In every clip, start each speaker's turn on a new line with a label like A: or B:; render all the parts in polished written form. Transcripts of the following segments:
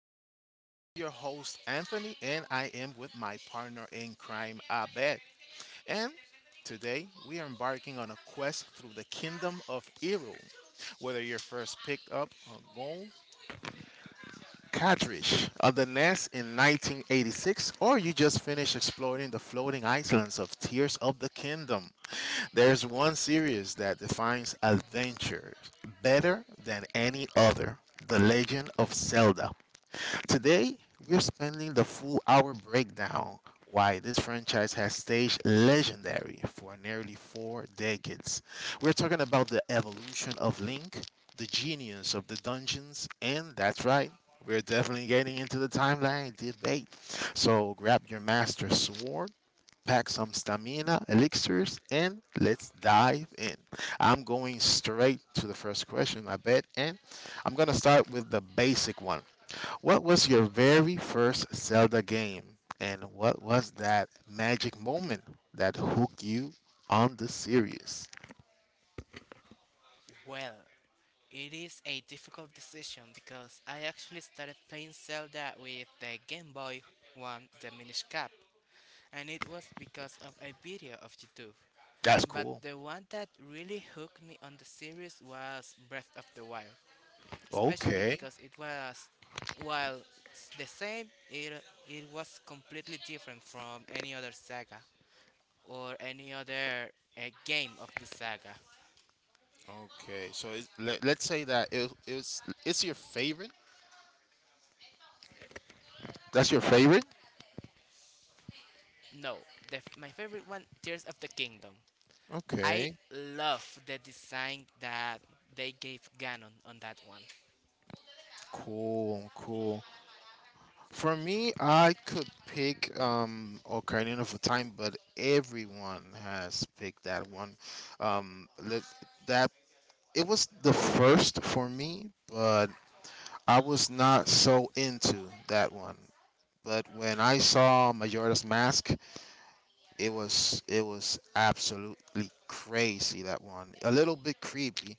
A: Podcast. I'm your host, Anthony, and I am with my partner in crime, Abed. And today, we are embarking on a quest through the kingdom of Eru. Whether your first pickup or goal cartridge of the NES in 1986, or you just finished exploring the floating islands of Tears of the Kingdom. There's one series that defines adventure better than any other, The Legend of Zelda. Today, we're spending the full hour breakdown why this franchise has stayed legendary for nearly 4 decades. We're talking about the evolution of Link, the genius of the dungeons, and that's right, we're definitely getting into the timeline debate. So grab your master sword, pack some stamina, elixirs, and let's dive in. I'm going straight to the first question, I bet, and I'm gonna start with the basic one. What was your very first Zelda game, and what was that magic moment that hooked you on the series?
B: Well, it is a difficult decision because I actually started playing Zelda with the Game Boy one, the Minish Cap, and it was because of a video of YouTube.
A: That's
B: But
A: cool.
B: the one that really hooked me on the series was Breath of the Wild, especially
A: Okay.
B: because it was, while the same, it was completely different from any other saga or any other game of the saga.
A: Okay. So let's say that it's your favorite. That's your favorite?
B: No, my favorite one, Tears of the Kingdom. I
A: Okay.
B: love the design that they gave Ganon on that one.
A: Cool, cool. For me, I could pick Ocarina of Time, but everyone has picked that one. Let, that It was the first for me, but I was not so into that one. But when I saw Majora's Mask, it was absolutely crazy that one. A little bit creepy.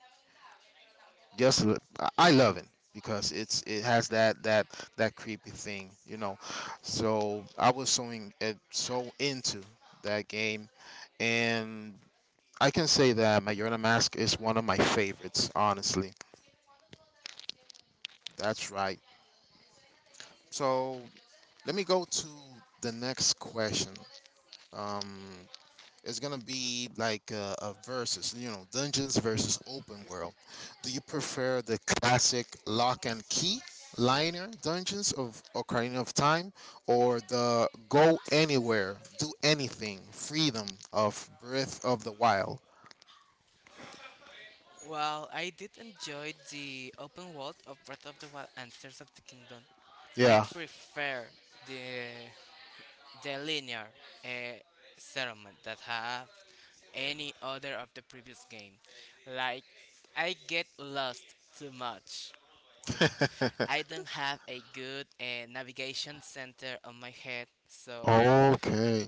A: I love it because it has that creepy thing. So I was so into that game, and I can say that Majora Mask is one of my favorites, honestly. That's right. So, let me go to the next question. Um, it's gonna be like a versus, dungeons versus open world. Do you prefer the classic lock and key liner dungeons of Ocarina of Time, or the go anywhere, do anything, freedom of Breath of the Wild?
B: Well, I did enjoy the open world of Breath of the Wild and Tears of the Kingdom. I
A: Yeah.
B: prefer the the linear uh, settlement that have any other of the previous game. Like I get lost too much. I don't have a good navigation center on my head, so
A: Okay.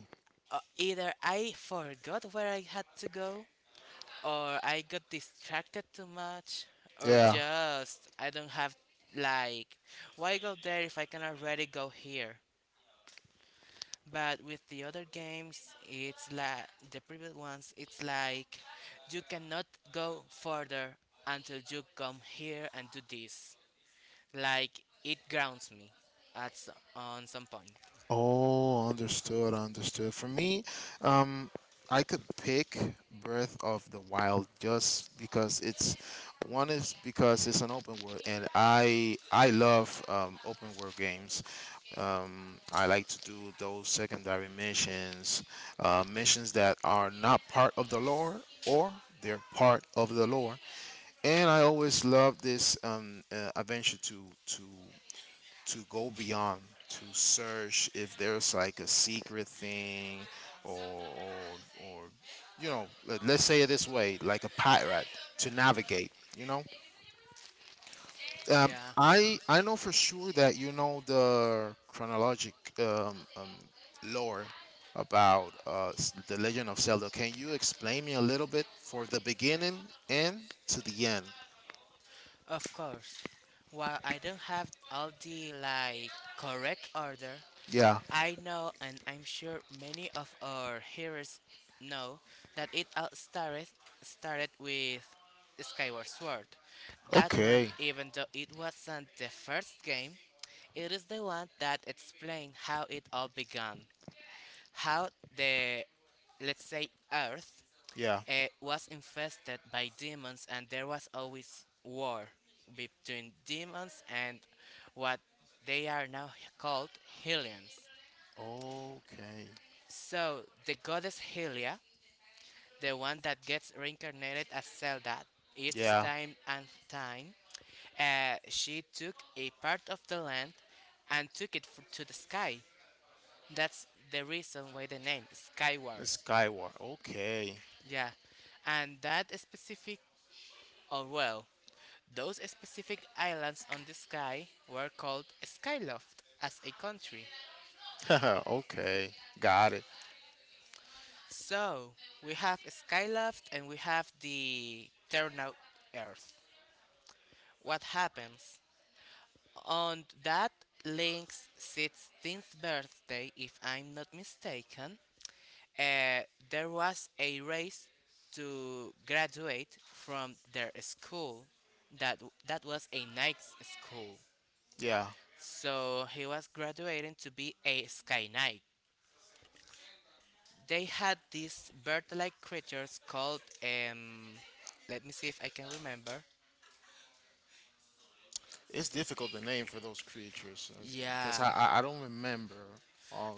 B: either I forgot where I had to go, or I got distracted too much, or
A: Yeah.
B: just I don't have like why go there if I can already go here. But with the other games, it's like the previous ones, it's like you cannot go further until you come here and do this. Like it grounds me at on some point.
A: Oh, understood, understood. For me, um, I could pick Breath of the Wild just because it's one is because it's an open world, and I love open world games. I like to do those secondary missions, missions that are not part of the lore or they're part of the lore. And I always love this adventure to to go beyond to search if there's like a secret thing, or, you know, let's say it this way, like a pirate to navigate you know
B: Yeah.
A: I know for sure that you know the chronologic um, um, lore about the Legend of Zelda. Can you explain me a little bit for the beginning and to the end?
B: Of course, while I don't have all the like correct order,
A: Yeah.
B: I know and I'm sure many of our hearers know that it all started with Skyward Sword. That one,
A: Okay.
B: even though it wasn't the first game, it is the one that explained how it all began. How the, let's say, Earth
A: Yeah.
B: was infested by demons, and there was always war between demons and what they are now called Hylians.
A: Okay.
B: So, the goddess Hylia, the one that gets reincarnated as Zelda each
A: Yeah.
B: time and time, she took a part of the land and took it to the sky. That's the reason why the name Skyward.
A: Skywalker. Okay.
B: Yeah, and that specific, oh well, those specific islands on the sky were called Skyloft as a country.
A: okay. Got it.
B: So, we have Skyloft and we have the Terra Earth. What happens? On that Link's 16th birthday, if I'm not mistaken, uh, there was a race to graduate from their school. That, that was a nice school.
A: Yeah.
B: So he was graduating to be a Sky Knight. They had these bird like creatures called, let me see if I can remember.
A: It's difficult to name for those creatures because
B: Yeah,
A: I don't remember.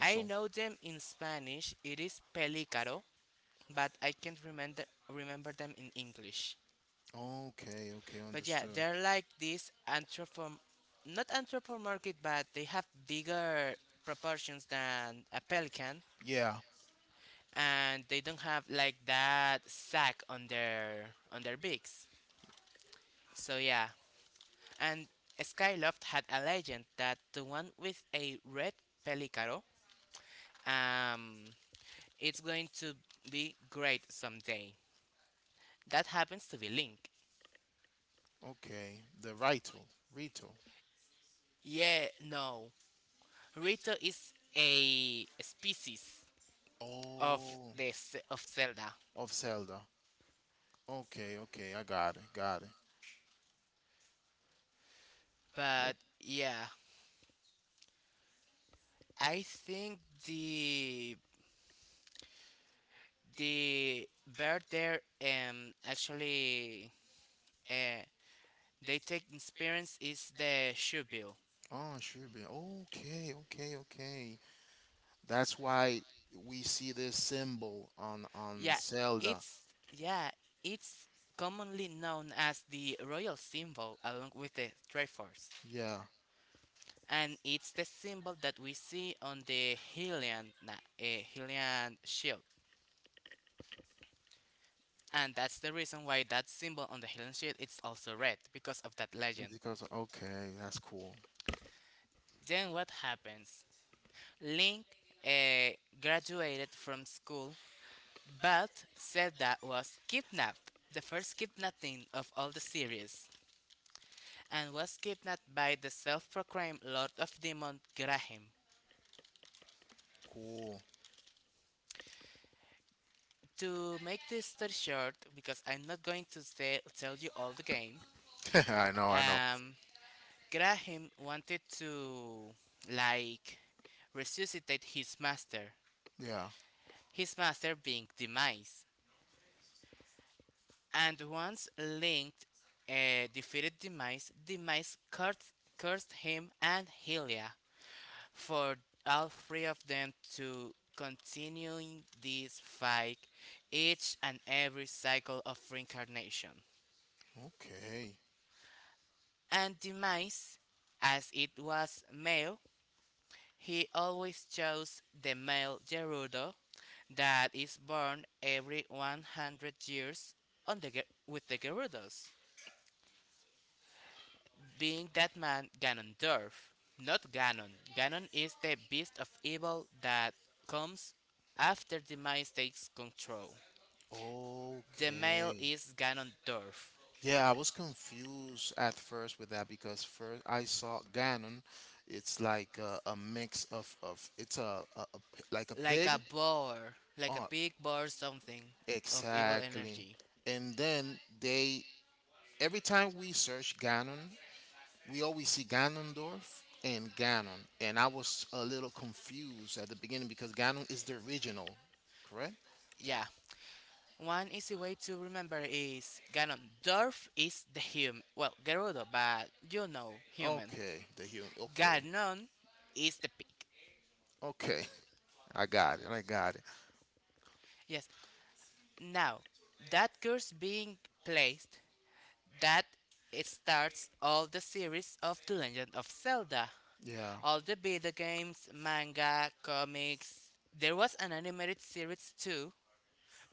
B: I know them in Spanish. It is pelícaro, but I can't remember them in English.
A: Okay. Okay.
B: But yeah,
A: Understood.
B: they're like this not anthropomorphic, but they have bigger proportions than a pelican,
A: Yeah.
B: and they don't have like that sack on their beaks. So yeah, and Skyloft had a legend that the one with a red pelicaro, um, it's going to be great someday. That happens to be Link.
A: Okay. The Rito. Rito.
B: Yeah, no, Rito is a species of
A: Oh.
B: of Zelda,
A: Of Zelda. Okay. Okay. I got it. Got it. Yep.
B: but yeah, I think the the bird there actually uh, they take inspirance is the Shubil.
A: Oh, sure. Okay, okay, okay. That's why we see this symbol on
B: Yeah,
A: Zelda.
B: it's yeah, it's commonly known as the royal symbol along with the Triforce,
A: Yeah.
B: and it's the symbol that we see on the Hylian shield. And that's the reason why that symbol on the Hylian shield is also red because of that legend.
A: Because okay, that's cool.
B: Then what happens? Link eh, graduated from school, but Zelda was kidnapped. The first kidnapping of all the series. And was kidnapped by the self proclaimed Lord of Demon Graham.
A: Cool.
B: To make this story short, because I'm not going to say, tell you all the game,
A: I know, I know.
B: um, Graham wanted to, like, resuscitate
A: Yeah.
B: his master being Demise. And once linked defeated Demise, Demise cursed him and Helia for all three of them to continuing this fight each and every cycle of reincarnation.
A: Okay.
B: And Demise, as it was male, he always chose the male Gerudo that is born every 100 years on with the Gerudos, being that man Ganondorf. Not Ganon. Ganon is the beast of evil that comes after Demise takes control. The male
A: Okay.
B: is Ganondorf,
A: Yeah, I was confused at first with that because first I saw Ganon. It's like a mix of it's a p- like a
B: like
A: pig.
B: a boar, like a
A: Oh,
B: big boar something of evil
A: exactly.
B: energy.
A: And then they every time we search Ganon, we always see Ganondorf and Ganon, and I was a little confused at the beginning because Ganon is the original, correct?
B: Yeah. One easy way to remember is Ganondorf is the human. Well, Gerudo, but you know, human.
A: Okay, the human. Okay,
B: Ganon is the pig.
A: okay, I got it. I got it.
B: Yes. Now, that curse being placed, that it starts all the series of The Legend of Zelda.
A: Yeah,
B: All the video games, manga, comics. There was an animated series too,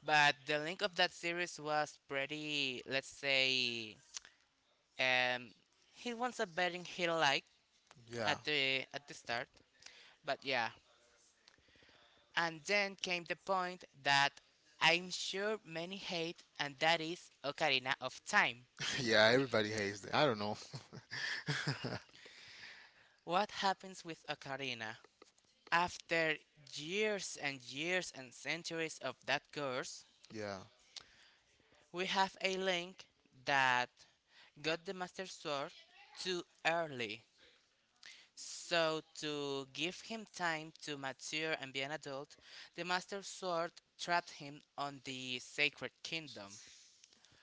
B: but the link of that series was pretty, let's say, um, he wants a betting he liked
A: yeah,
B: at the start. But yeah, and then came the point that I'm sure many hate, and that is Ocarina of Time.
A: yeah. Everybody hates that. I don't know.
B: What happens with Ocarina? After years and years and centuries of that curse,
A: yeah.
B: we have a Link that got the Master Sword too early. So, to give him time to mature and be an adult, the Master Sword trapped him on the Sacred Kingdom.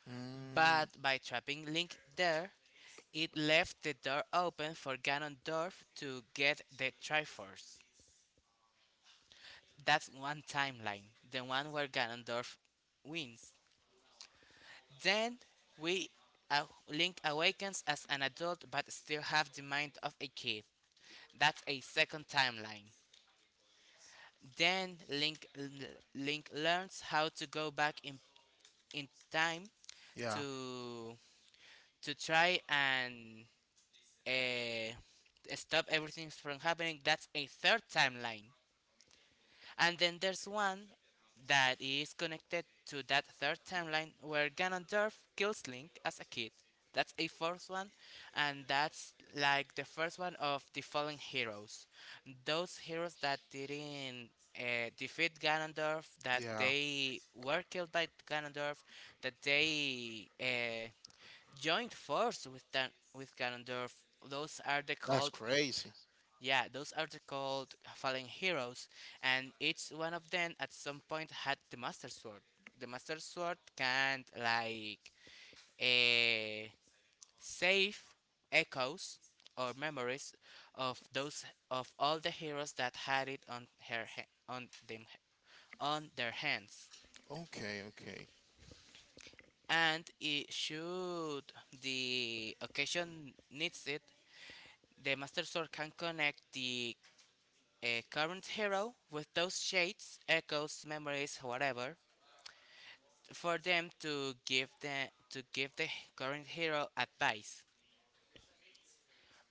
A: Mm,
B: But by trapping Link there, it left the door open for Ganondorf to get the Triforce. That's one timeline, the one where Ganondorf wins. Then we uh, Link awakens as an adult but still have the mind of a kid. That's a second timeline. Then Link learns how to go back in time
A: yeah.
B: to to try and uh, stop everything from happening. That's a third timeline. And then there's one that is connected to that third timeline where Ganondorf kills Link as a kid. That's a fourth one, and that's like the first one of the fallen heroes. Those heroes that didn't defeat Ganondorf, that
A: Yeah.
B: they were killed by Ganondorf, that they joined force with with Ganondorf. Those are the
A: That's
B: called,
A: crazy.
B: yeah, those are the called fallen heroes, and each one of them at some point had the Master Sword. The Master Sword can like eh, save echoes or memories of those of all the heroes that had it on them on their hands.
A: Okay, okay.
B: And it should the occasion needs it, the Master Sword can connect the a current hero with those shades, echoes, memories, whatever, for them to give the current hero advice.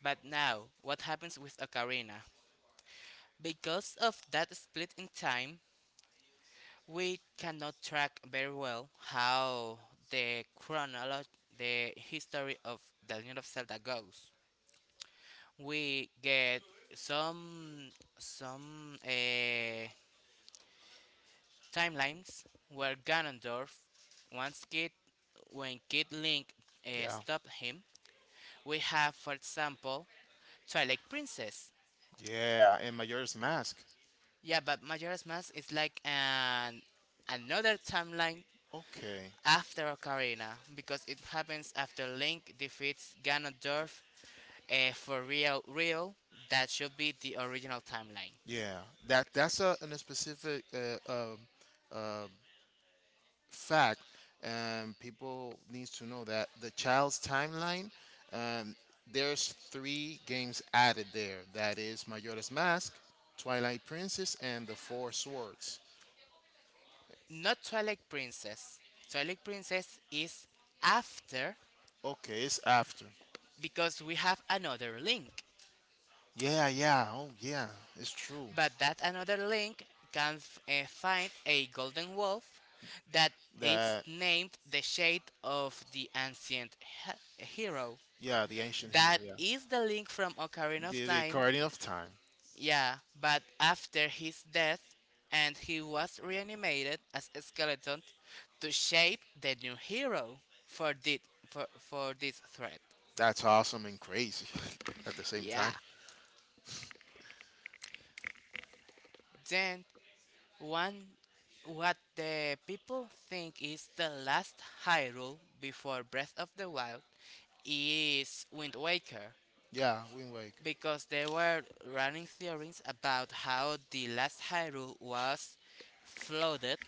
B: But now, what happens with Ocarina? Because of that split in time, we cannot track very well how the chronology, the history of the Legend of Zelda goes. We get some timelines where Ganondorf once Kid when Kid Link
A: Yeah.
B: stopped him. We have, for example, Twilight Princess.
A: Yeah, and Majora's Mask.
B: Yeah, but Majora's Mask is like an another timeline
A: Okay.
B: after Ocarina because it happens after Link defeats Ganondorf for real. Real that should be the original timeline,
A: Yeah. That's a specific uh, fact, and people needs to know that the child's timeline um there's three games added there. That is Majora's Mask, Twilight Princess and The Four Swords.
B: not Twilight Princess. Twilight Princess is after
A: Okay, it's after.
B: because we have another Link.
A: Yeah, yeah. Oh, yeah. It's true.
B: But that another link can find a golden wolf that is
A: That
B: named the Shade of the Hero.
A: Yeah, the ancient
B: That
A: hero,
B: is the link from
A: yeah.
B: Ocarina of
A: The
B: Time.
A: Guardian of Time.
B: Yeah, but after his death, and he was reanimated as a skeleton to shape the new hero for for this threat.
A: That's awesome and crazy at the same
B: Yeah.
A: time.
B: Then one, what the people think is the last Hyrule before Breath of the Wild is Wind Waker,
A: Yeah, we like
B: because there were running theories about how the last Hyrule was flooded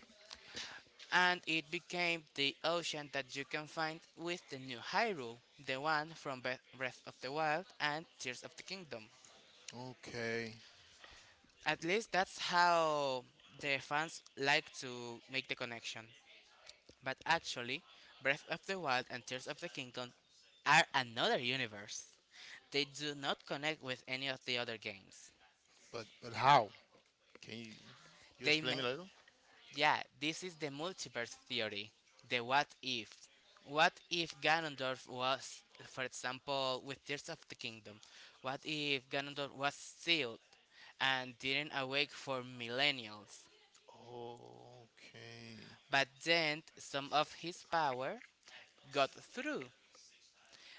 B: and it became the ocean that you can find with the new Hyrule, the one from Breath of the Wild and Tears of the Kingdom.
A: okay,
B: At least that's how the fans like to make the connection. But actually, Breath of the Wild and Tears of the Kingdom are another universe. They do not connect with any of the other games.
A: but how? Can you
B: They
A: explain me
B: may.
A: a little?
B: Yeah, this is the multiverse theory. The what if. What if Ganondorf was, for example, with Tears of the Kingdom? What if Ganondorf was sealed and didn't awake for millennials?
A: Okay.
B: But then some of his power got through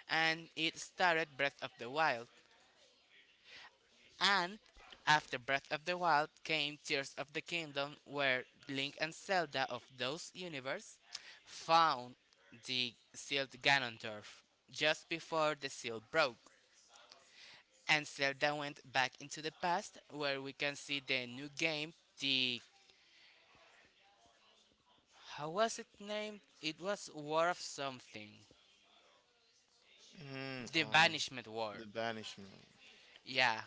B: and it started Breath of the Wild. And after Breath of the Wild came Tears of the Kingdom, where Link and Zelda of those universe found the sealed Ganondorf just before the seal broke. And Zelda went back into the past, where we can see the new game, the how was it named? It was War of something, the Banishment War.
A: The banishment.
B: Yeah,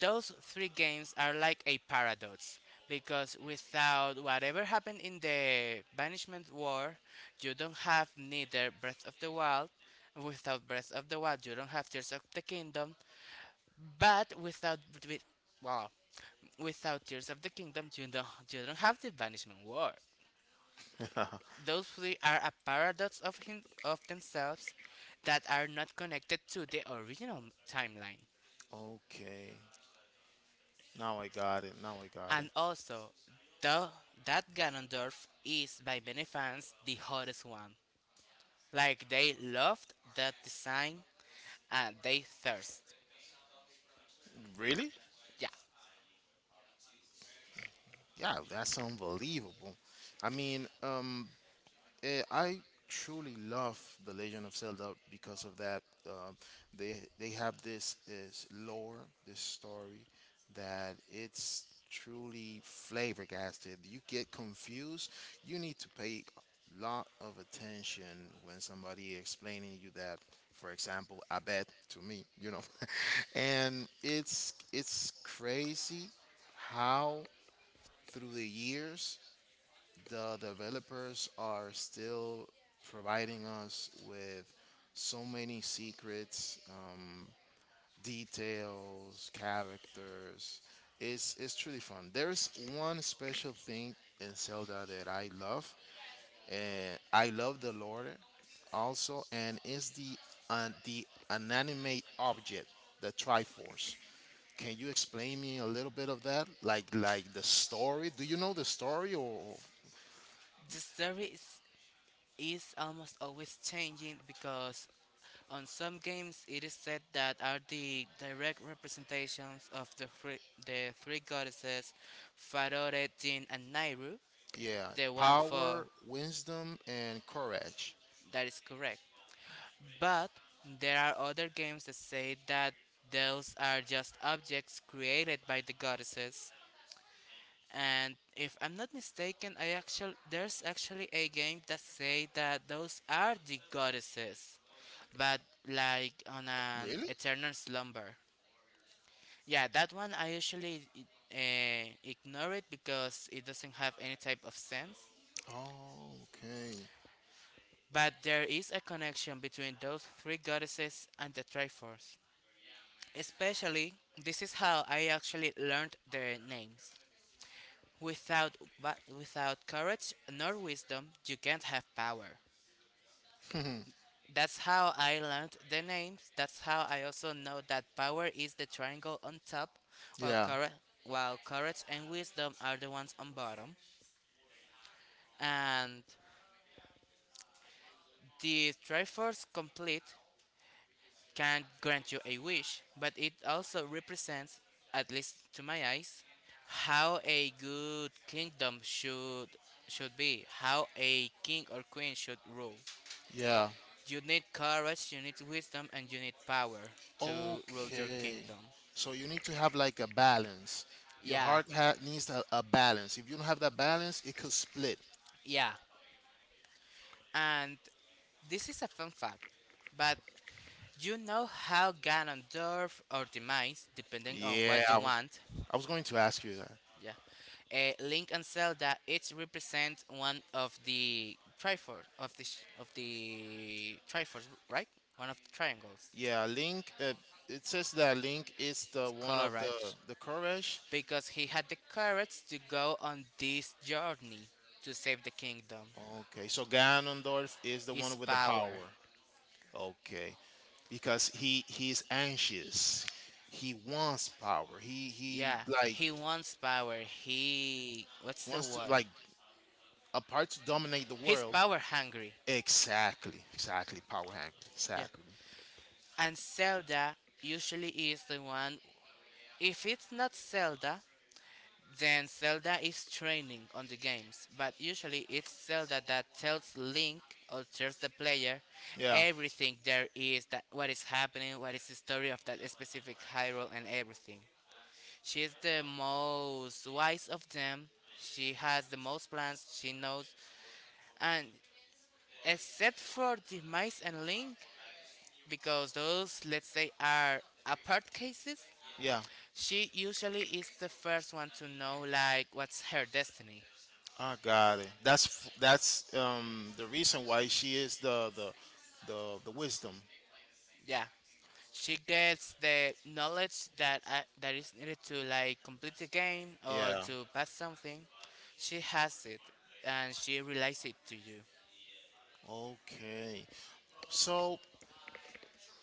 B: those three games are like a paradox because without whatever happened in the Banishment War, you don't have neither Breath of the Wild. Without Breath of the Wild, you don't have Tears of the Kingdom. But without with, well, without Tears of the Kingdom, you don't have the Banishment War. Those three are a paradox of him of themselves that are not connected to the original timeline.
A: okay. Now I got it. Now I got it.
B: And also, the that Ganondorf is by many fans the hottest one. Like they loved that design and they thirst.
A: Really?
B: Yeah,
A: Yeah, that's unbelievable. I mean, I truly love the Legend of Zelda because of that. They have this is lore, this story that it's truly flabbergasted. You get confused. You need to pay a lot of attention when somebody explaining you that. For example, I bet to me, you know, and it's crazy how through the years the developers are still providing us with so many secrets, details, characters. It's truly fun. There is one special thing in Zelda that I love, and I love the lore also, and it's the inanimate object, the Triforce. Can you explain me a little bit of that? Like the story? Do you know the story or?
B: the story is almost always changing because on some games it is said that are the direct representations of the three goddesses Farore, Jin, and Nairu.
A: Yeah,
B: The one for
A: power, wisdom, and courage.
B: that is correct. But there are other games that say that those are just objects created by the goddesses. And if I'm not mistaken, I actually there's actually a game that say that those are the goddesses, but like on an
A: Really?
B: eternal slumber. Yeah, that one I usually ignore it because it doesn't have any type of sense.
A: Oh, okay.
B: But there is a connection between those three goddesses and the Triforce. Especially, this is how I actually learned their names. Without courage nor wisdom, you can't have power. That's how I learned the names. That's how I also know that power is the triangle on top, while
A: Yeah,
B: courage and wisdom are the ones on bottom. And the Triforce complete can grant you a wish, but it also represents, at least to my eyes, how a good kingdom should be, how a king or queen should rule.
A: yeah.
B: You need courage, you need wisdom, and you need power to rule your
A: Okay.
B: kingdom.
A: So you need to have like a balance. Your
B: Yeah,
A: heart needs a balance. If you don't have that balance, it could split.
B: yeah. And this is a fun fact, but you know how Ganondorf or Demise, depending on
A: Yeah,
B: what you
A: I was,
B: want.
A: I was going to ask you that.
B: Yeah. Link and Zelda each represent one of the triforce of the triforce, right? One of the triangles.
A: Yeah, Link. It says that Link is the one of the
B: Courage,
A: the courage.
B: because he had the courage to go on this journey to save the kingdom.
A: Okay, so Ganondorf is the
B: Is
A: one with the
B: power.
A: power. Okay, because he's anxious. He wants power. He
B: Yeah,
A: like
B: he wants power. He, what's the
A: wants to
B: word?
A: like a part to dominate the
B: He's
A: world.
B: power hungry.
A: Exactly, exactly. Power hungry.
B: Yeah.
A: Exactly.
B: And Zelda usually is the one, if it's not Zelda, then Zelda is training on the games, but usually it's Zelda that tells Link or tells the player
A: Yeah,
B: everything there is, that what is happening, what is the story of that specific Hyrule and everything. She is the most wise of them. She has the most plans, she knows, and except for the mice and Link, because those, let's say, are apart cases,
A: yeah.
B: she usually is the first one to know like what's her destiny.
A: I got it. That's that's the reason why she is the wisdom.
B: Yeah. She gets the knowledge that is needed to like complete the game or
A: Yeah.
B: to pass something. She has it and she relays it to you.
A: Okay. So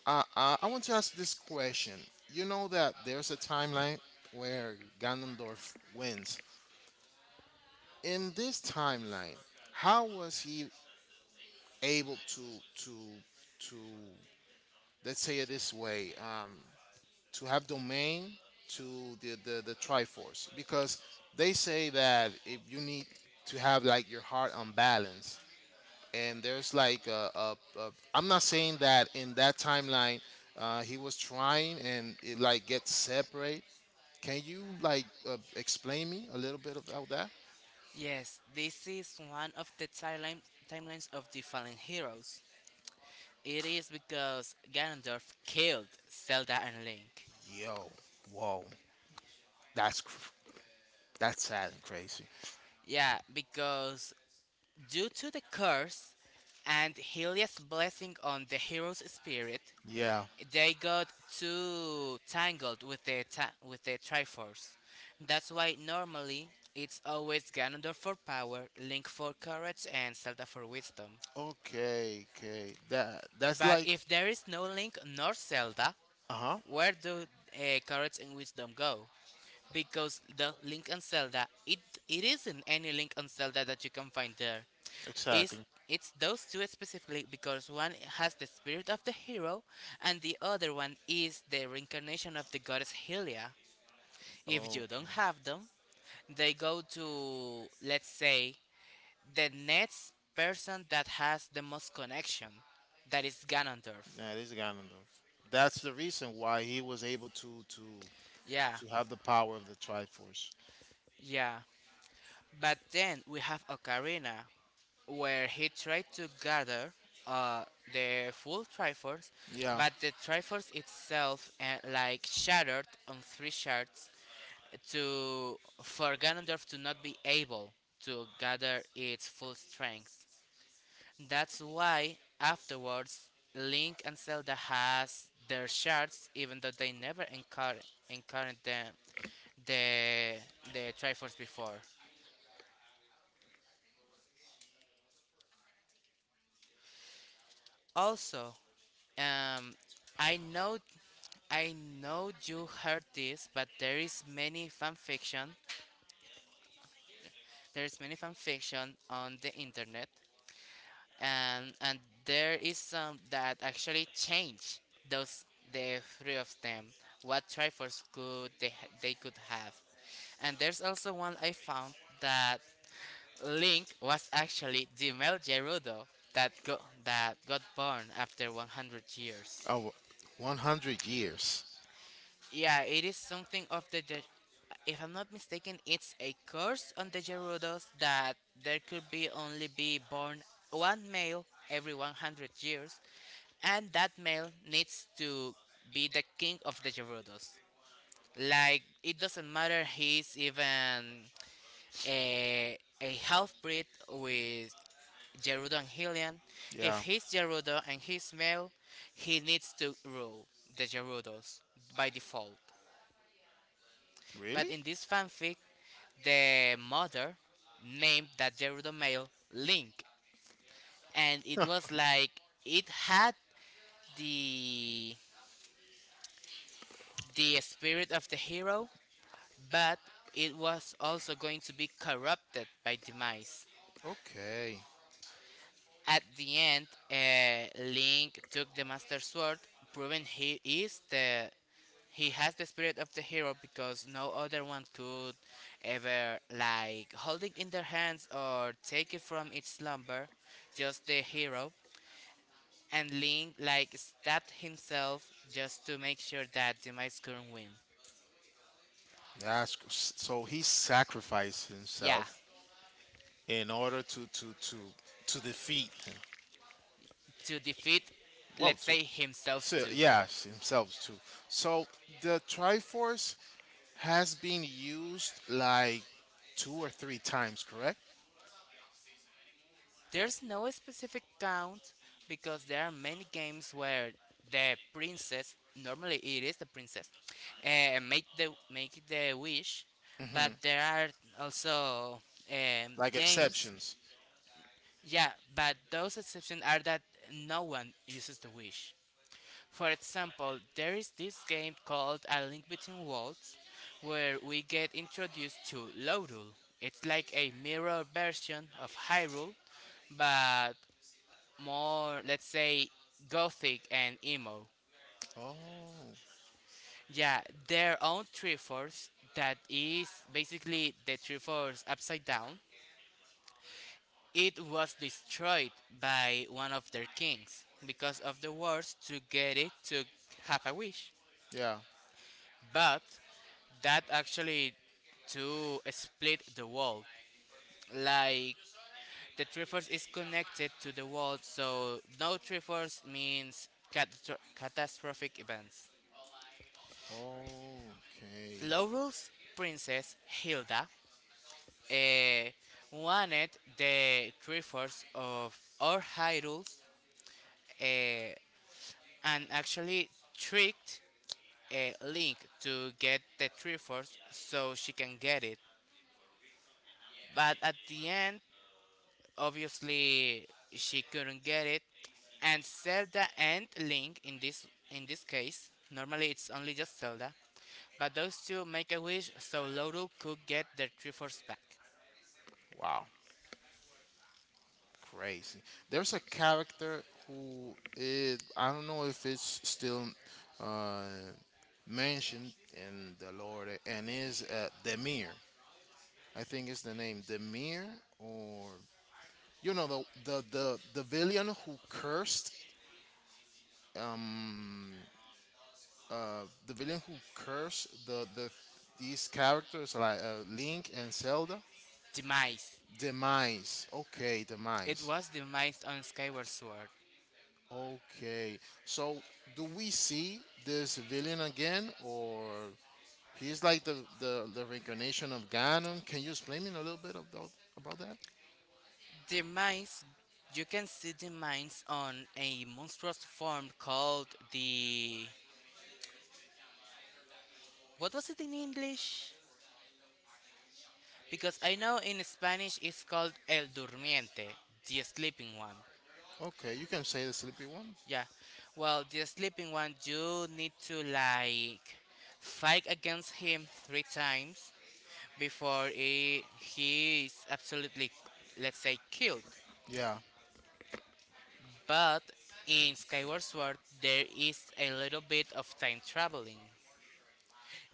A: I want to ask this question. You know that there's a timeline where Ganondorf wins. In this timeline, how was he able to to let's say it this way, to have domain to the Triforce? Because they say that if you need to have like your heart on balance, and there's like a I'm not saying that in that timeline, he was trying and it like gets separate. Can you like explain me a little bit about that?
B: Yes, this is one of the timelines of the Fallen Heroes. It is because Ganondorf killed Zelda and Link.
A: Yo, whoa, that's that's sad and crazy.
B: Yeah, because due to the curse and Helia's blessing on the hero's spirit,
A: Yeah.
B: they got too tangled with their Triforce. That's why normally it's always Ganondorf for power, Link for courage, and Zelda for wisdom.
A: Okay. Okay. That's
B: But
A: like
B: if there is no Link nor Zelda,
A: uh huh.
B: where do Courage and Wisdom go? Because the Link and Zelda, it isn't any Link and Zelda that you can find there. It's
A: Exactly.
B: it's those two specifically, because one has the spirit of the hero, and the other one is the reincarnation of the goddess Hylia. If you
A: Okay.
B: don't have them, they go to, let's say, the next person that has the most connection, that is Ganondorf.
A: Yeah, this guy that's the reason why he was able to to
B: Yeah,
A: to have the power of the Triforce.
B: yeah. But then we have Ocarina, where he tried to gather uh, the full Triforce,
A: Yeah.
B: but the Triforce itself like shattered on three shards to for Ganondorf to not be able to gather its full strength. That's why afterwards Link and Zelda has their shards, even though they never encountered the the Triforce before. Also, um I know I know you heard this, but there is many fan fiction. There is many fan fiction on the internet, and there is some that actually change those the three of them, what trifles could they could have. And there's also one I found that Link was actually the male Gerudo that got born after 100 years.
A: Oh, 100 years.
B: Yeah, it is something of the. If I'm not mistaken, it's a curse on the Gerudos that there could be only be born one male every 100 years, and that male needs to be the king of the Gerudos. Like it doesn't matter he's even a half breed with Gerudo and Hylian. If
A: Yeah.
B: he's Gerudo and he's male, he needs to rule the Gerudos by default. But
A: Really?
B: in this fanfic, the mother named that Gerudo male Link, and it was like it had the the spirit of the hero, but it was also going to be corrupted by Demise.
A: Okay.
B: At the end, Link took the Master Sword, proving he has the spirit of the hero, because no other one could ever like holding in their hands or take it from its slumber, just the hero. And Link like stabbed himself just to make sure that Demise couldn't win.
A: That's so he sacrificed
B: Yeah,
A: himself in order to to defeat him.
B: to defeat,
A: Well,
B: let's
A: to,
B: say, himself
A: so
B: too.
A: yes, himself too. So the Triforce has been used like two or three times, correct?
B: There's no specific count, because there are many games where the princess, normally it is the princess, make the wish, but
A: Hmm.
B: there are also
A: Like
B: games.
A: exceptions.
B: Yeah, but those exceptions are that no one uses the wish. For example, there is this game called A Link Between Worlds, where we get introduced to Lorul. It's like a mirror version of Hyrule, but more, let's say, gothic and emo.
A: Oh,
B: Yeah, their own Triforce, that is basically the Triforce upside down, it was destroyed by one of their kings because of the wars to get it, to have a wish.
A: yeah.
B: But that actually to split the world. Like the Triforce is connected to the world, so no Triforce means catastrophic events.
A: Okay.
B: Laurel's princess Hilda, eh, wanted the Triforce of all Hyrule's, eh, and actually tricked Link to get the Triforce so she can get it. But at the end, obviously she couldn't get it, and Zelda and Link, in this case, normally it's only just Zelda, but those two make a wish so Laurel could get the Triforce back.
A: Wow, crazy. There's a character who is I don't know if it's still uh, mentioned in the Lord and is Demir. I think it's the name Demir or, you know, the villain who cursed um the villain who cursed these characters like Link and Zelda,
B: Demise.
A: Demise. Okay,
B: It
A: Demise.
B: was Demise on Skyward Sword.
A: Okay. So do we see this villain again, or he's like the reincarnation of Ganon? Can you explain me a little bit about that?
B: Demise. You can see Demise on a monstrous form called the. What was it in English? Because I know in Spanish it's called El Durmiente, the sleeping one.
A: Okay, you can say the sleepy one.
B: Yeah. Well, the sleeping one, you need to like fight against him three times before he is absolutely, let's say, killed.
A: Yeah.
B: But in Skyward Sword, there is a little bit of time traveling.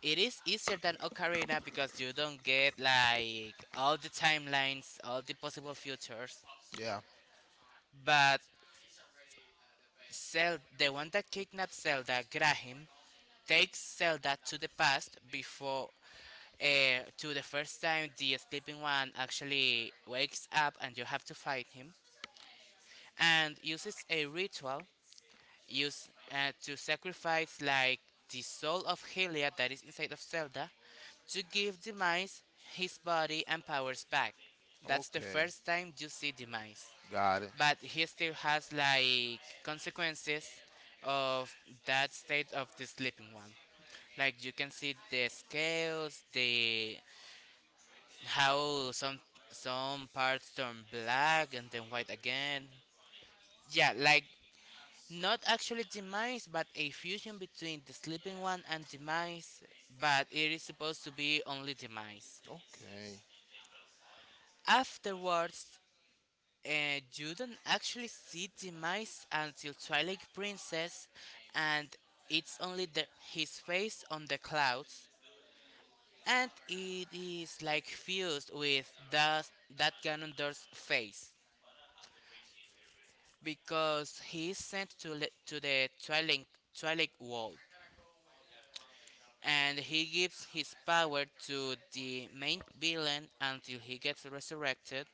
B: It is easier than Ocarina because you don't get like all the timelines, all the possible futures.
A: Yeah.
B: But the one that kidnapped Zelda, Graham, takes Zelda to the past, before to the first time the sleeping one actually wakes up and you have to fight him, and uses a ritual used to sacrifice like the soul of Hylia that is inside of Zelda to give Demise his body and powers back. That's the
A: Okay.
B: first time you see Demise.
A: Got it.
B: But he still has like consequences of that state of the sleeping one. Like you can see the scales, the how some parts turn black and then white again. Yeah, like not actually Demise, but a fusion between the sleeping one and Demise, but it is supposed to be only Demise.
A: Okay.
B: Afterwards, you don't actually see Demise until Twilight Princess, and it's only his face on the clouds, and it is like fused with that Ganondorf's face, because he is sent to the Twilight world. And he gives his power to the main villain until he gets resurrected,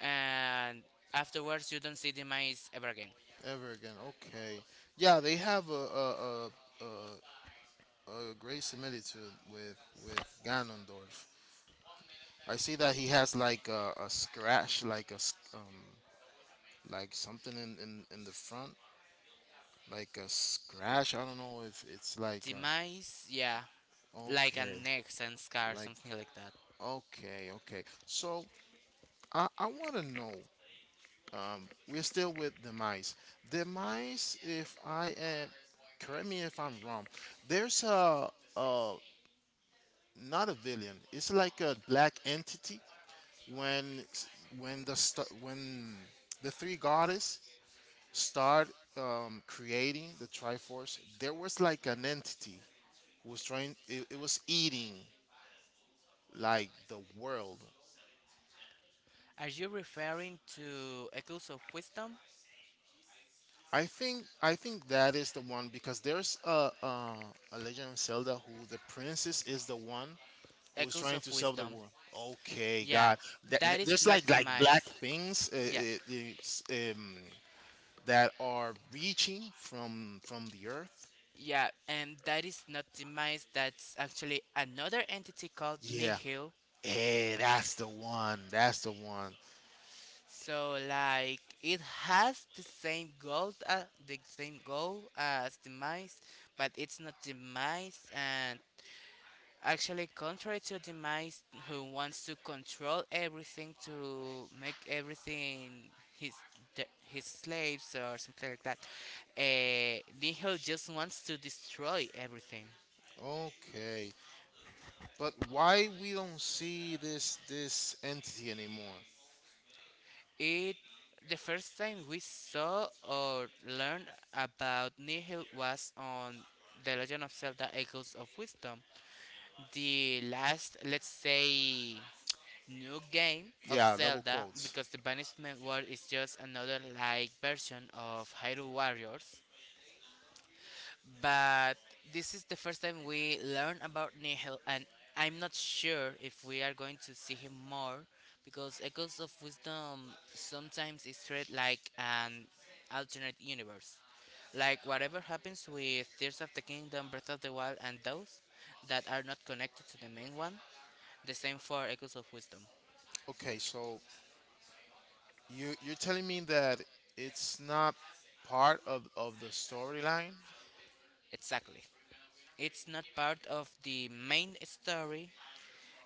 B: and afterwards you don't see the mice ever again.
A: Ever again. Okay. Yeah, they have a great similitude with Ganondorf. I see that he has like a scratch, like like something in the front, like a scratch. I don't know if it's like
B: The
A: a,
B: mice, yeah, like
A: okay,
B: an X and scar,
A: like
B: something like that.
A: okay, okay. So I want to know. We're still with the mice. The mice, if I am, correct me if I'm wrong. There's a uh not a villain. It's like a black entity when when the three goddess start creating the Triforce, there was like an entity who was trying. It was eating like the world.
B: Are you referring to Echoes of Wisdom?
A: I think that is the one because there's a Legend of Zelda who the princess is the one who is
B: Echoes
A: trying
B: of
A: to save the
B: Wisdom,
A: world. Okay,
B: yeah.
A: God,
B: That is
A: there's
B: not
A: like
B: the
A: black
B: mice.
A: things
B: Yeah,
A: that are reaching from the earth.
B: yeah, and that is not the mice. That's actually another entity called
A: Yeah.
B: Nihil.
A: Hey, that's the one. That's the one.
B: So like it has the same goal as the mice, but it's not the mice. And actually, contrary to the mice, who wants to control everything, to make everything his, his slaves or something like that, Nihil just wants to destroy everything.
A: Okay, but why we don't see this entity anymore?
B: It The first time we saw or learned about Nihil was on The Legend of Zelda Echoes of Wisdom, the last, let's say, new game of
A: Yeah, double
B: Zelda,
A: quotes.
B: because the Banishment World is just another like version of Hyrule Warriors. But this is the first time we learn about Nihil, and I'm not sure if we are going to see him more, because Echoes of Wisdom sometimes is treated like an alternate universe. Like whatever happens with Tears of the Kingdom, Breath of the Wild, and those that are not connected to the main one, the same for Echoes of Wisdom.
A: Okay, so you're telling me that it's not part of the storyline?
B: Exactly. It's not part of the main story.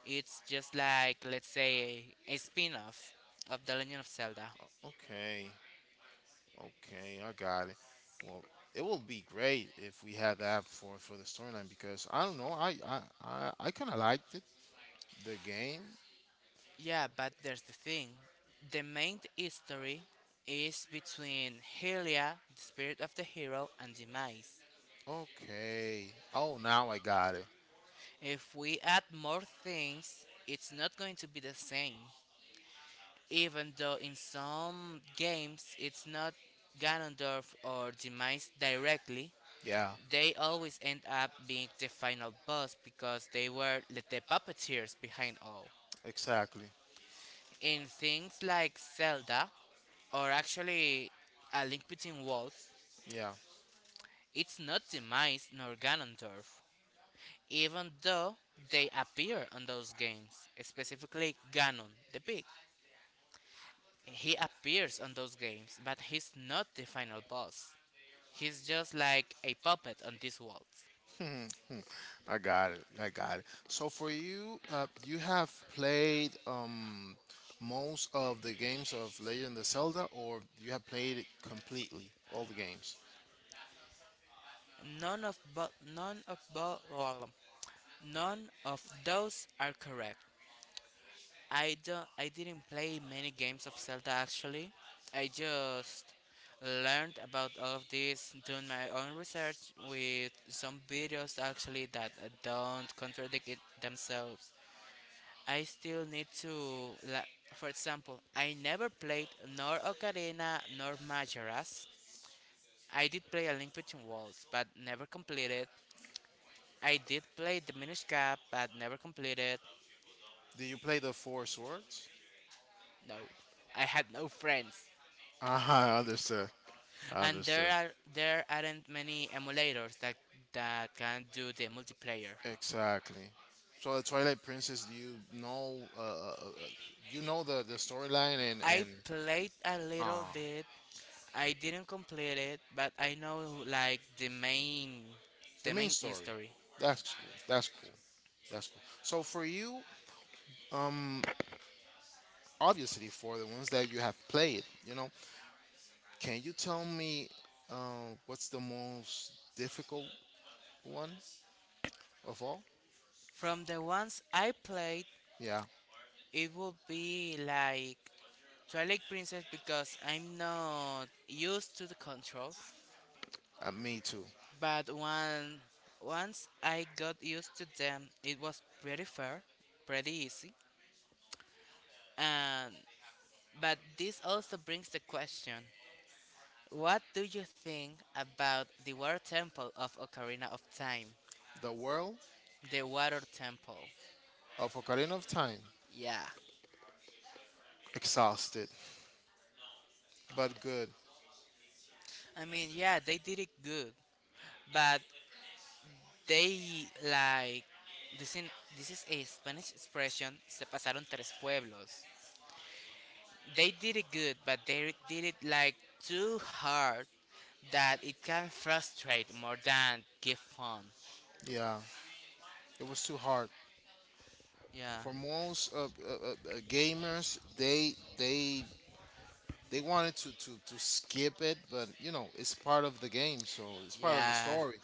B: It's just like, let's say, a spin off of The Legend of Zelda.
A: Okay, okay, I got it. Well, it will be great if we had that for the storyline because I don't know, I kind of liked it the game.
B: Yeah, but there's the thing, the main history is between Hylia, the spirit of the hero, and Demise.
A: Okay. Oh, now I got it.
B: If we add more things, it's not going to be the same. Even though in some games it's not Ganondorf or Demise directly,
A: Yeah,
B: they always end up being the final boss because they were the puppeteers behind all.
A: exactly.
B: In things like Zelda, or actually A Link Between Worlds,
A: Yeah.
B: it's not Demise nor Ganondorf, even though they appear on those games, specifically Ganon the Big. He appears on those games, but he's not the final boss. He's just like a puppet on these worlds.
A: Mhm, hmm. I got it. I got it. So for you, you have played most of the games of Legend of Zelda, or you have played it completely all the games.
B: None of bo- none of bo- None of those are correct. I didn't play many games of Zelda actually. I just learned about all of this doing my own research with some videos actually that don't contradict it themselves. I still need to, for example, I never played nor Ocarina nor Majora's. I did play A Link Between Worlds, but never completed. I did play Diminished Cap, but never completed.
A: Do you play the four swords?
B: No, I had no friends.
A: Uh huh. I understood. I
B: And
A: understood.
B: there aren't many emulators that can do the multiplayer.
A: Exactly. So the Twilight Princess, do you know? You know the storyline and
B: I
A: and
B: played a little
A: uh,
B: bit. I didn't complete it, but I know like
A: the
B: the
A: main
B: main
A: story.
B: story.
A: That's cool. That's cool. That's cool. So for you, um, obviously for the ones that you have played, can you tell me what's the most difficult one of all?
B: From the ones I played,
A: Yeah,
B: it would be like Twilight Princess because I'm not used to the controls.
A: me too.
B: But once I got used to them, it was pretty fair, pretty easy, and but this also brings the question, what do you think about the water temple of Ocarina of Time?
A: The world
B: The water temple.
A: of Ocarina of Time.
B: Yeah.
A: Exhausted, but good.
B: I mean, yeah, they did it good, but they this in this is a Spanish expression, se pasaron tres pueblos. They did it good, but they did it like too hard that it can frustrate more than give fun.
A: Yeah, it was too hard
B: Yeah.
A: for most gamers. They they wanted to, to skip it, but you know it's part of the game, so it's part of the
B: Yeah.
A: story.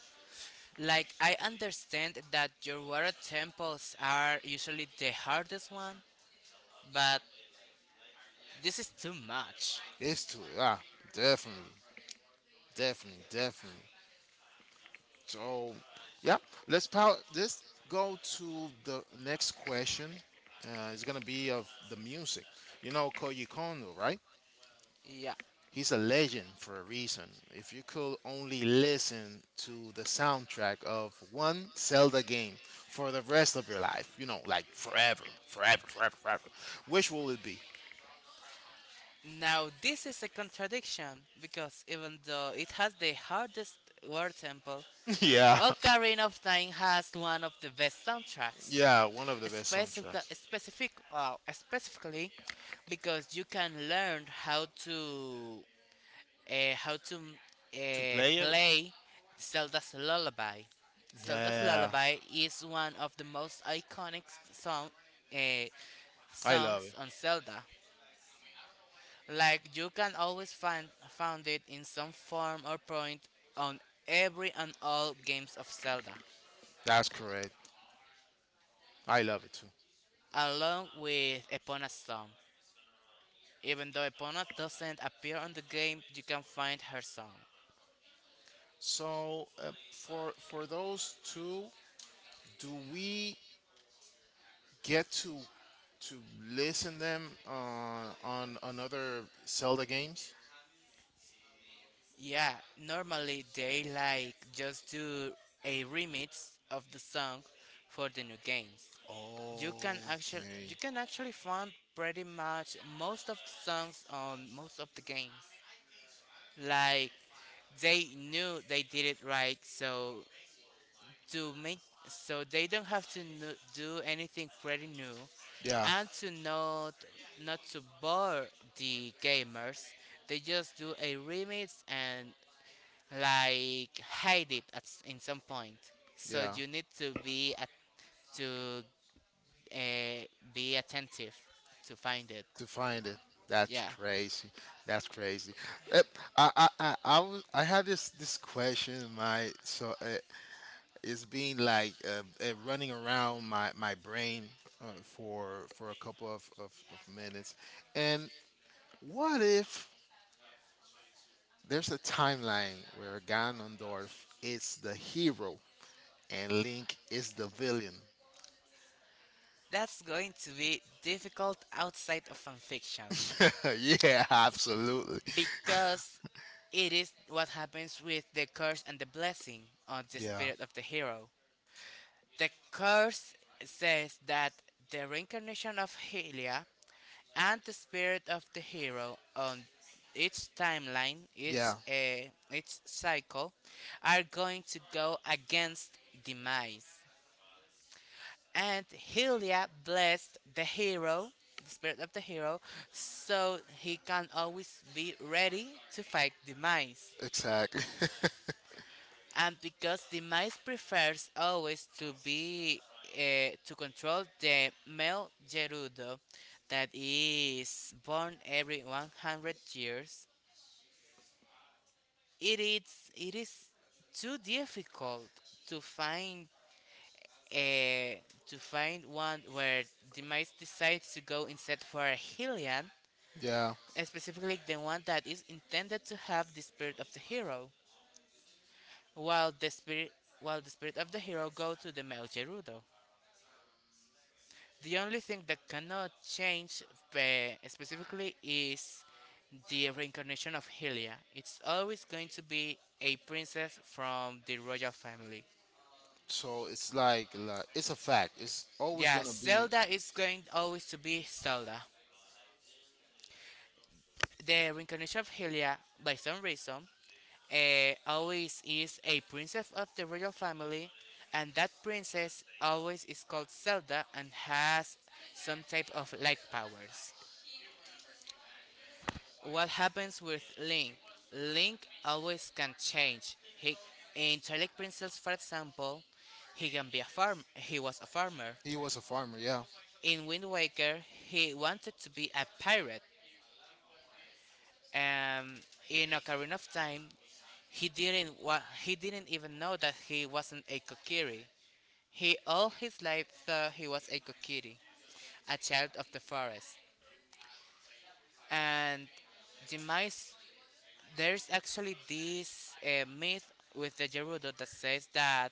B: Like I understand that your water temples are usually the hardest one, but this is too much.
A: It's too ah definitely, definitely, definitely. So, yeah, let's power. Let's go to the next question. It's gonna be of the music. You know Koji Kondo, right?
B: Yeah.
A: He's a legend for a reason. If you could only listen to the soundtrack of one Zelda game for the rest of your life, you know, like forever, forever, forever, forever, which will it be?
B: Now this is a contradiction because even though it has the hardest water temple,
A: yeah,
B: Ocarina of Time has one of the best soundtracks.
A: yeah, one of the best
B: Specific,
A: soundtracks.
B: specifically because you can learn how to
A: To play it?
B: play Zelda's Lullaby. Zelda's
A: Yeah,
B: Lullaby is one of the most iconic song, uh,
A: I love it.
B: songs on Zelda. Like you can always find found it in some form or point on every and all games of Zelda,
A: That's correct. I love it too.
B: along with Epona's song. Even though Epona doesn't appear on the game, you can find her song.
A: So for those two, do we get to listen them on another Zelda games?
B: Yeah, normally they like just do a remix of the song for the new games.
A: Okay.
B: You can actually find pretty much most of the songs on most of the games. Like they knew they did it right, so to make so they don't have to do anything pretty new,
A: Yeah,
B: and to not not to bore the gamers, they just do a remix and like hide it at in some point. So
A: yeah.
B: you need to to uh, be attentive to find it.
A: To find it. That's
B: Yeah.
A: crazy. That's crazy. Uh, I had this question in my so it's been like running around my brain for a couple of minutes. And what if there's a timeline where Ganondorf is the hero and Link is the villain.
B: That's going to be difficult outside of fanfiction
A: yeah, absolutely.
B: because it is what happens with the curse and the blessing on the
A: Yeah,
B: spirit of the hero. The curse says that the reincarnation of Helia and the spirit of the hero on its timeline,
A: yeah,
B: its cycle, are going to go against demise. And Hylia blessed the hero, the spirit of the hero, so he can always be ready to fight demise.
A: exactly.
B: And because demise prefers always to be to control the male Gerudo that is born every 100 years, it is too difficult to find a to find one where the mice decides to go instead for a Hylian,
A: yeah.
B: and specifically the one that is intended to have the spirit of the hero, while the spirit while the spirit of the hero go to the male Gerudo. The only thing that cannot change specifically is the reincarnation of Hylia. It's always going to be a princess from the royal family.
A: So it's like, it's a fact. It's always
B: Yeah,
A: gonna be.
B: Zelda is going always to be Zelda. The reincarnation of Hylia, by some reason, always is a princess of the royal family, and that princess always is called Zelda and has some type of light powers. What happens with Link? Link always can change. He in Twilight Princess, for example, he can be a farm. He was a farmer.
A: He was a farmer. Yeah,
B: In Wind Waker, he wanted to be a pirate. Um, in Ocarina of Time, he didn't even know that he wasn't a Kokiri. He all his life thought he was a Kokiri, a child of the forest. And the mice, there's actually this myth with the Gerudo that says that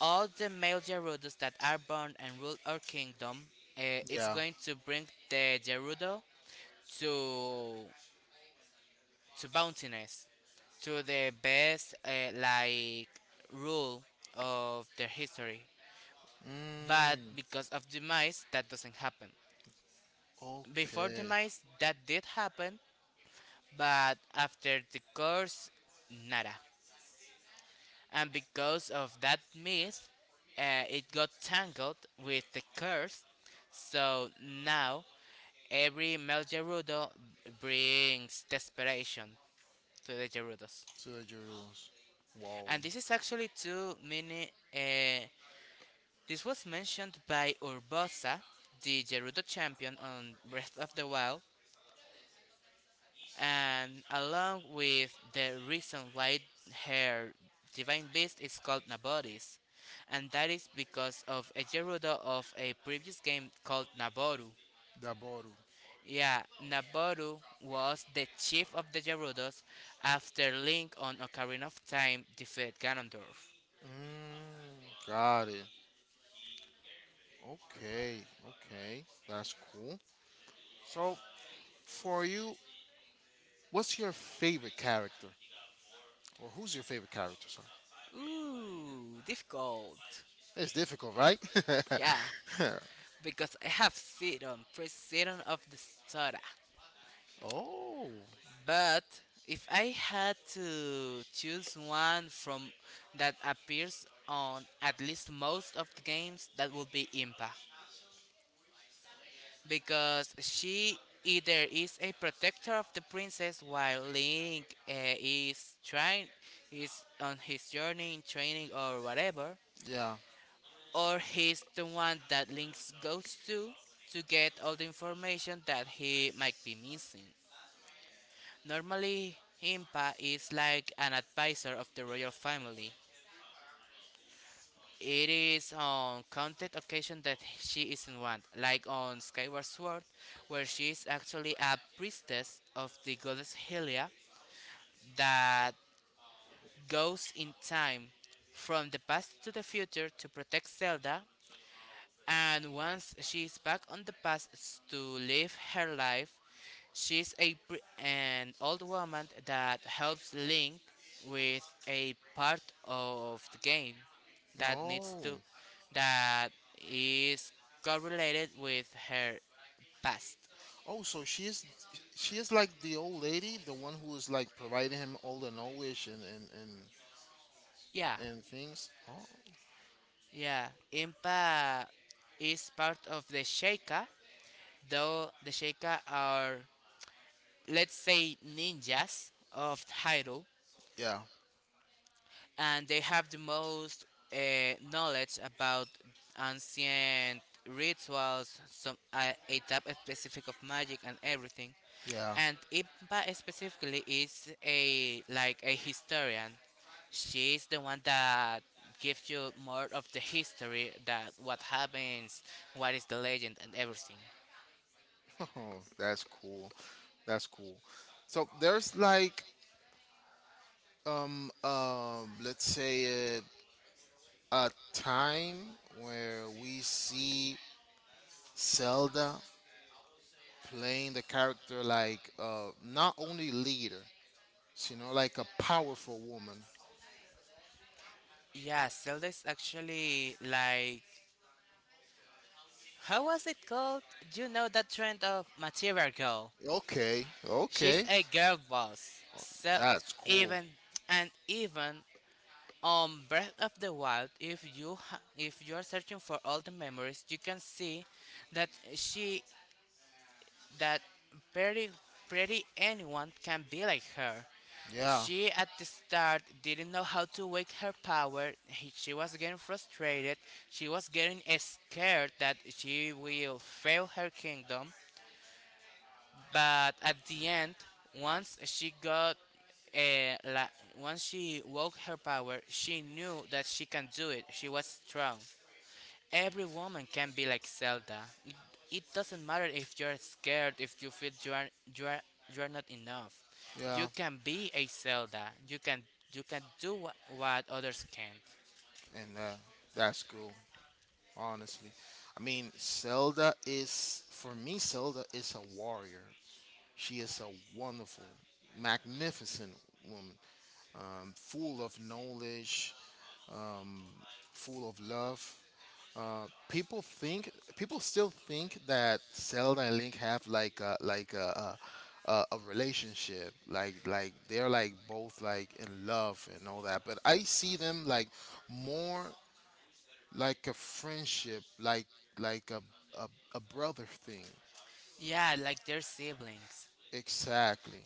B: all the male Gerudos that are born and rule our kingdom, it's
A: yeah.
B: going to bring the Gerudo to to bountiness to the best like rule of their history, but
A: Mm,
B: because of the mice that doesn't happen before the
A: okay.
B: mice that did happen but after the curse nada, and because of that myth it got tangled with the curse, so now every male Gerudo brings desperation to the Gerudos.
A: So the Jerusalem. Wow.
B: And this is actually too many. This was mentioned by Urbosa, the Gerudo champion on Breath of the Wild, and along with the reason why her divine beast is called Naboris. And that is because of a Gerudo of a previous game called Naboru.
A: The bottle.
B: Yeah, Naboru was the chief of the Gerudos after Link on Ocarina of Time defeated Ganondorf.
A: Mm, got it. Okay, okay. That's cool. So, for you, what's your favorite character? Or who's your favorite character? Sorry.
B: Ooh, difficult.
A: It's difficult, right?
B: Yeah, because I have season, president of the soda.
A: oh,
B: But if I had to choose one from that appears on at least most of the games, that would be Impa. Because she either is a protector of the princess while Link is on his journey in training or whatever,
A: yeah.
B: or he's the one that Lynx goes to get all the information that he might be missing. Normally, Impa is like an advisor of the royal family. It is on counted occasions that she isn't one, like on Skyward Sword, where she is actually a priestess of the goddess Hylia that goes in time from the past to the future to protect Zelda. And once she is back on the path to live her life, she's an old woman that helps Link with a part of the game that needs
A: Oh,
B: to that is correlated with her past.
A: oh. So she is like the old lady, the one who is like providing him all the knowledge
B: Yeah,
A: and things. Oh,
B: yeah. Impa is part of the Sheikah, though the Sheikah are, let's say, ninjas of Hyrule,
A: yeah,
B: and they have the most uh, knowledge about ancient rituals, some a type specific of magic and everything.
A: yeah.
B: And Impa specifically is a like a historian. She is the one that gives you more of the history that what happens, what is the legend and everything.
A: Oh, that's cool. That's cool. So there's like let's say a time where we see Zelda playing the character like not only leader, you know, like a powerful woman.
B: Yeah, Zelda is actually like, how was it called? You know that trend of material girl,
A: Okay,
B: she's
A: okay.
B: a girl boss. So
A: That's cool.
B: even even on Breath of the Wild, if you're searching for all the memories, you can see that she that pretty pretty anyone can be like her.
A: Yeah.
B: She at the start didn't know how to wake her power. She was getting frustrated. She was getting scared that she will fail her kingdom. But at the end, once she got uh, la- once she woke her power, she knew that she can do it. She was strong. Every woman can be like Zelda. It doesn't matter if you're scared, if you feel you are you are not enough. You
A: Yeah,
B: can be a Zelda. You can do what others can't.
A: and that's cool. Honestly, I mean, Zelda is for me. Zelda is a warrior. She is a wonderful, magnificent woman, full of knowledge, full of love. People still think that Zelda and Link have like a relationship, like they're like both like in love and all that. But I see them like more like a friendship, like like a a, a brother thing.
B: Yeah, like their siblings.
A: Exactly.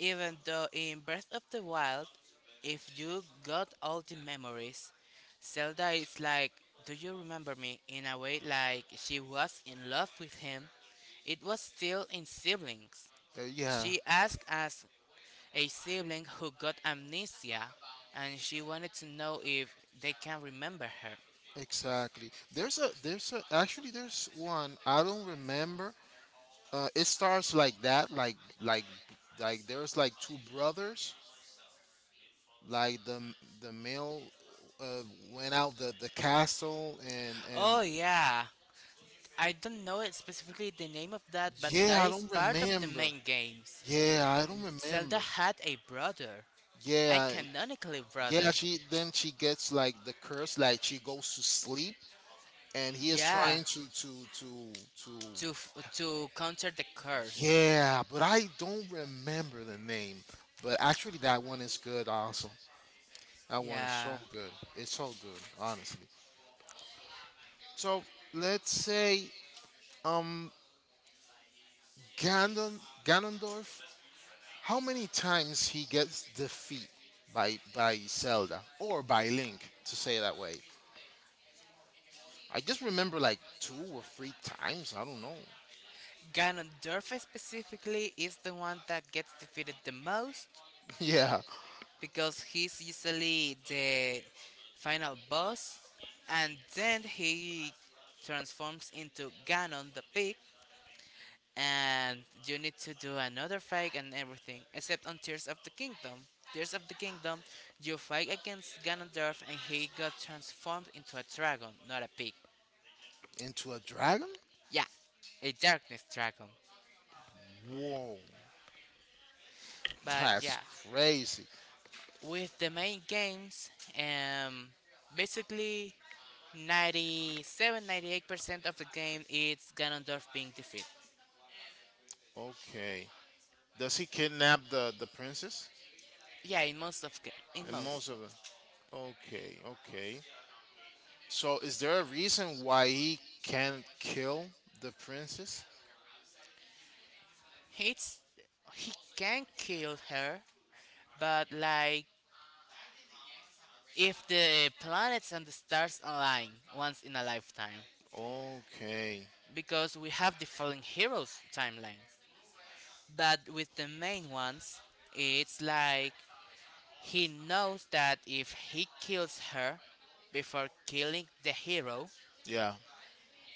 B: Even though in Breath of the Wild, if you got all the memories, Zelda is like, do you remember me? In a way, like she was in love with him. It was still in siblings.
A: Yeah.
B: She asked us a sibling who got amnesia and she wanted to know if they can remember her.
A: Exactly. There's a actually there's one I don't remember. It starts like that, there's like two brothers. Like the male uh, went out the castle and
B: Oh, yeah. I don't know it specifically the name of that, but
A: yeah
B: that
A: I
B: is
A: don't
B: part of the
A: remember.
B: main games.
A: Yeah I don't
B: Zelda
A: remember.
B: had a brother. I
A: Yeah.
B: canonically,
A: Yeah,
B: brother.
A: she then she gets like the curse, like she goes to sleep, and he is
B: Yeah,
A: trying to.
B: to to counter the curse.
A: Yeah, but I don't remember the name. But actually, that one is good. Also, that one is
B: Yeah,
A: so good. It's so good, honestly. So let's say um Ganon Ganondorf. How many times he gets defeat by Zelda or by Link to say that way? I just remember like two or three times. I don't know.
B: Ganondorf specifically is the one that gets defeated the most
A: Yeah,
B: because he's usually the final boss, and then he transforms into Ganon the pig, and you need to do another fight and everything except on Tears of the Kingdom. Tears of the Kingdom, you fight against Ganondorf and he got transformed into a dragon, not a pig.
A: into a dragon?
B: Yeah, a darkness dragon.
A: Whoa,
B: But
A: that's
B: yeah,
A: crazy.
B: with the main games, um basically 97, 98% of the game it's Ganondorf being defeated.
A: Okay. Does he kidnap the princess?
B: yeah in most of ga- in
A: And most
B: most.
A: of them. Okay, okay. So is there a reason why he can't kill the princess?
B: It's he can kill her, but like if the planets and the stars align once in a lifetime,
A: Okay.
B: because we have the fallen heroes timeline. But with the main ones, it's like he knows that if he kills her before killing the hero,
A: Yeah.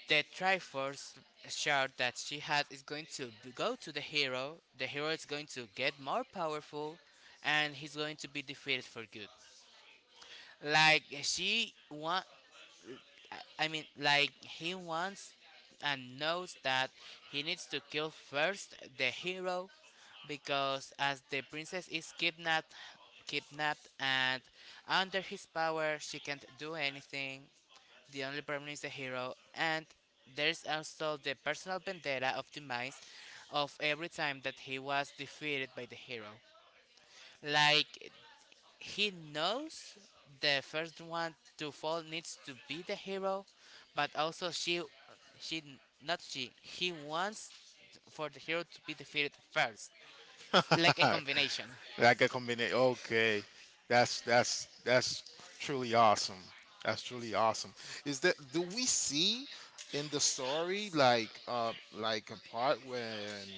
B: the Triforce shard that she had is going to go to the hero. The hero is going to get more powerful, and he's going to be defeated for good. Like she want I mean, like he wants and knows that he needs to kill first the hero because as the princess is kidnapped and under his power she can't do anything. The only problem is the hero, and there's also the personal vendetta of demise, of every time that he was defeated by the hero. Like he knows the first one to fall needs to be the hero, but also she, not she, he wants for the hero to be defeated first, like a combination.
A: like a combination. Okay, that's truly awesome. That's truly awesome. Is that do we see in the story like a part when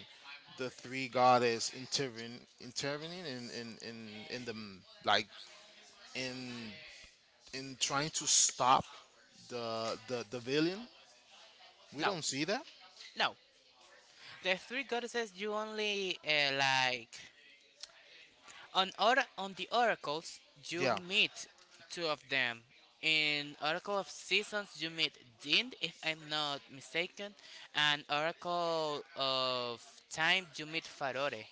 A: the three goddess intervene intervening in like in in trying to stop the villain? We
B: No,
A: don't see that.
B: no. The three goddesses you only on the oracles you
A: Yeah.
B: meet two of them. In Oracle of Seasons you meet Din, if I'm not mistaken, and Oracle of Time you meet Farore.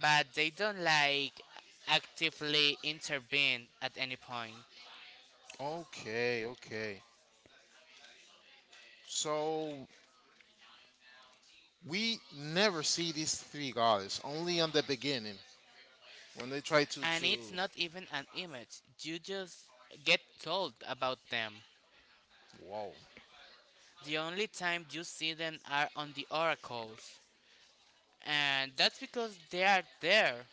B: But they don't like actively intervene at any point.
A: Okay. Okay. So we never see these three gods, only on the beginning when they try
B: And it's
A: to
B: not even an image, you just get told about them.
A: whoa
B: The only time you see them are on the oracles, and that's because they are there.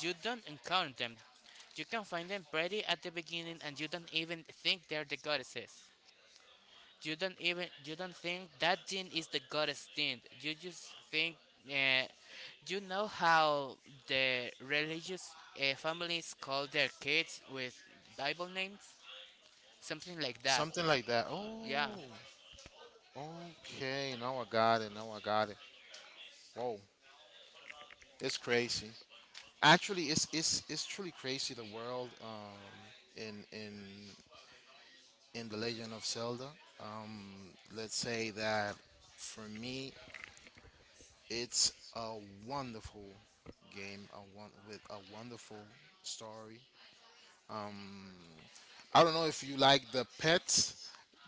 B: You don't encounter them. You can find them pretty at the beginning, and you don't even think they're the goddesses. You don't think that thing is the goddess thing. You just think uh, you know how the religious families call their kids with Bible names, something like that.
A: something like that.
B: Yeah.
A: Oh, okay, now I got it. Now I got it. Whoa, it's crazy. Actually, it's truly crazy the world in in the Legend of Zelda. Let's say that for me, it's a wonderful game, a one with a wonderful story. Um, I don't know if you like the pets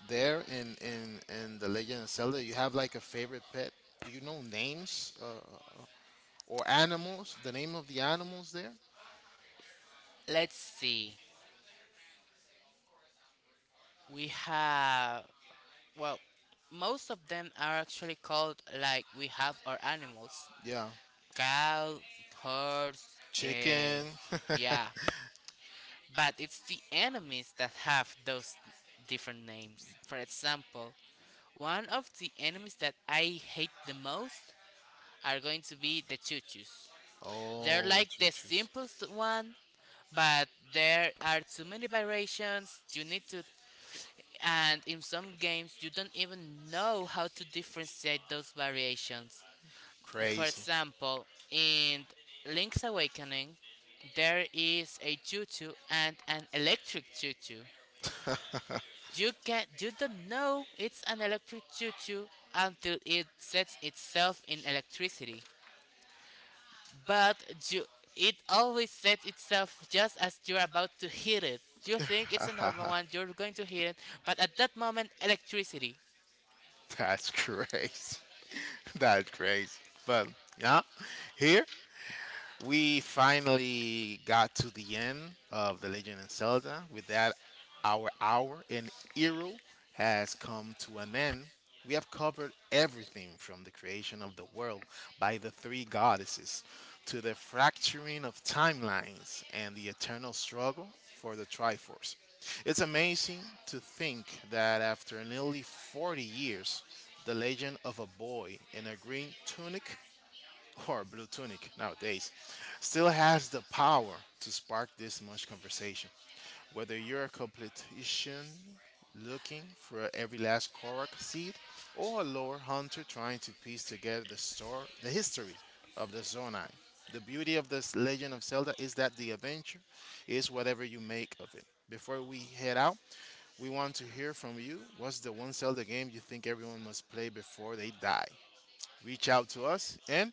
A: there in in the Legend of Zelda. You have like a favorite pet. Do you know names or animals? The name of the animals there?
B: Let's see. We have, well, most of them are actually called like we have our animals:
A: Yeah,
B: cow, horse. Uh,
A: chicken.
B: yeah. But it's the enemies that have those different names. For example, one of the enemies that I hate the most are going to be the chuchus. They're
A: oh, the
B: like the
A: choo-choo's
B: simplest one, but there are too many variations. You need to, and in some games you don't even know how to differentiate those variations. For
A: crazy.
B: example, in Link's Awakening, there is a choo-choo and an electric choo-choo. You don't know it's an electric choo-choo until it sets itself in electricity. But you it always sets itself just as you're about to hit it. You think it's a normal one, you're going to hit it, but at that moment, electricity.
A: That's crazy. That's crazy. But yeah, here we finally got to the end of The Legend of Zelda. With that, our hour in Eero has come to an end. We have covered everything from the creation of the world by the three goddesses to the fracturing of timelines and the eternal struggle for the Triforce. It's amazing to think that after nearly 40 years, the legend of a boy in a green tunic or Blue Tunic nowadays, still has the power to spark this much conversation. Whether you're a completician looking for every last Korok seed, or a lore hunter trying to piece together the story, the history of the Zonai. The beauty of this Legend of Zelda is that the adventure is whatever you make of it. Before we head out, we want to hear from you. What's the one Zelda game you think everyone must play before they die? Reach out to us and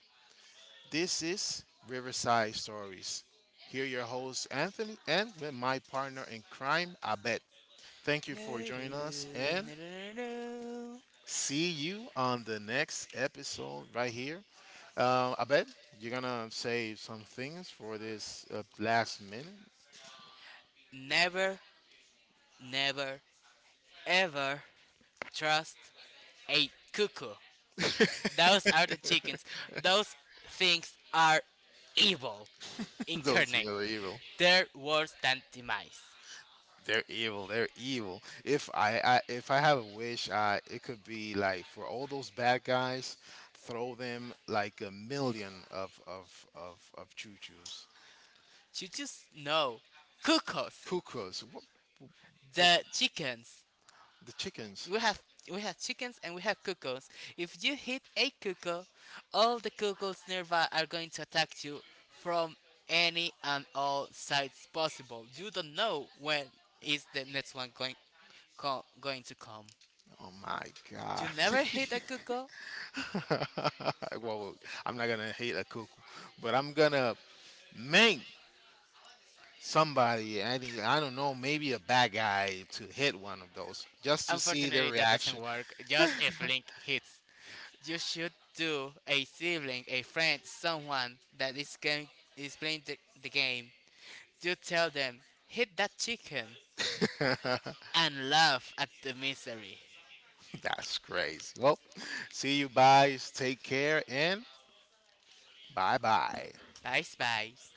A: this is Riverside Stories. Here, your host Anthony and with my partner in crime, Abed. Thank you for joining us and see you on the next episode right here. Abed, you're gonna say some things for this last minute.
B: Never, never, ever trust a cuckoo. Those are the chickens. Those things are evil
A: Those things
B: incarnate.
A: are evil.
B: There was than demise.
A: They're evil. They're evil. If I have a wish, I it could be like for all those bad guys, throw them like a million of choo choos,
B: You just know cuckoos,
A: cuckoos, what,
B: the chickens.
A: the chickens.
B: We have we have chickens and we have cuckoos. If you hit a cuckoo, all the cuckoos nearby are going to attack you from any and all sides possible. You don't know when is the next one going to come.
A: Oh my
B: You
A: god.
B: never hit a cuckoo.
A: well, I'm not gonna hate a cuckoo, but I'm gonna make somebody, any I don't know, maybe a bad guy to hit one of those just to see their
B: Unfortunately, that doesn't
A: reaction.
B: work. Just if Link hits, you should do a sibling, a friend, someone that is playing the game. You tell them, hit that chicken and laugh at the misery.
A: That's crazy. Well, see you guys. Take care and bye bye.
B: Bye, Spice.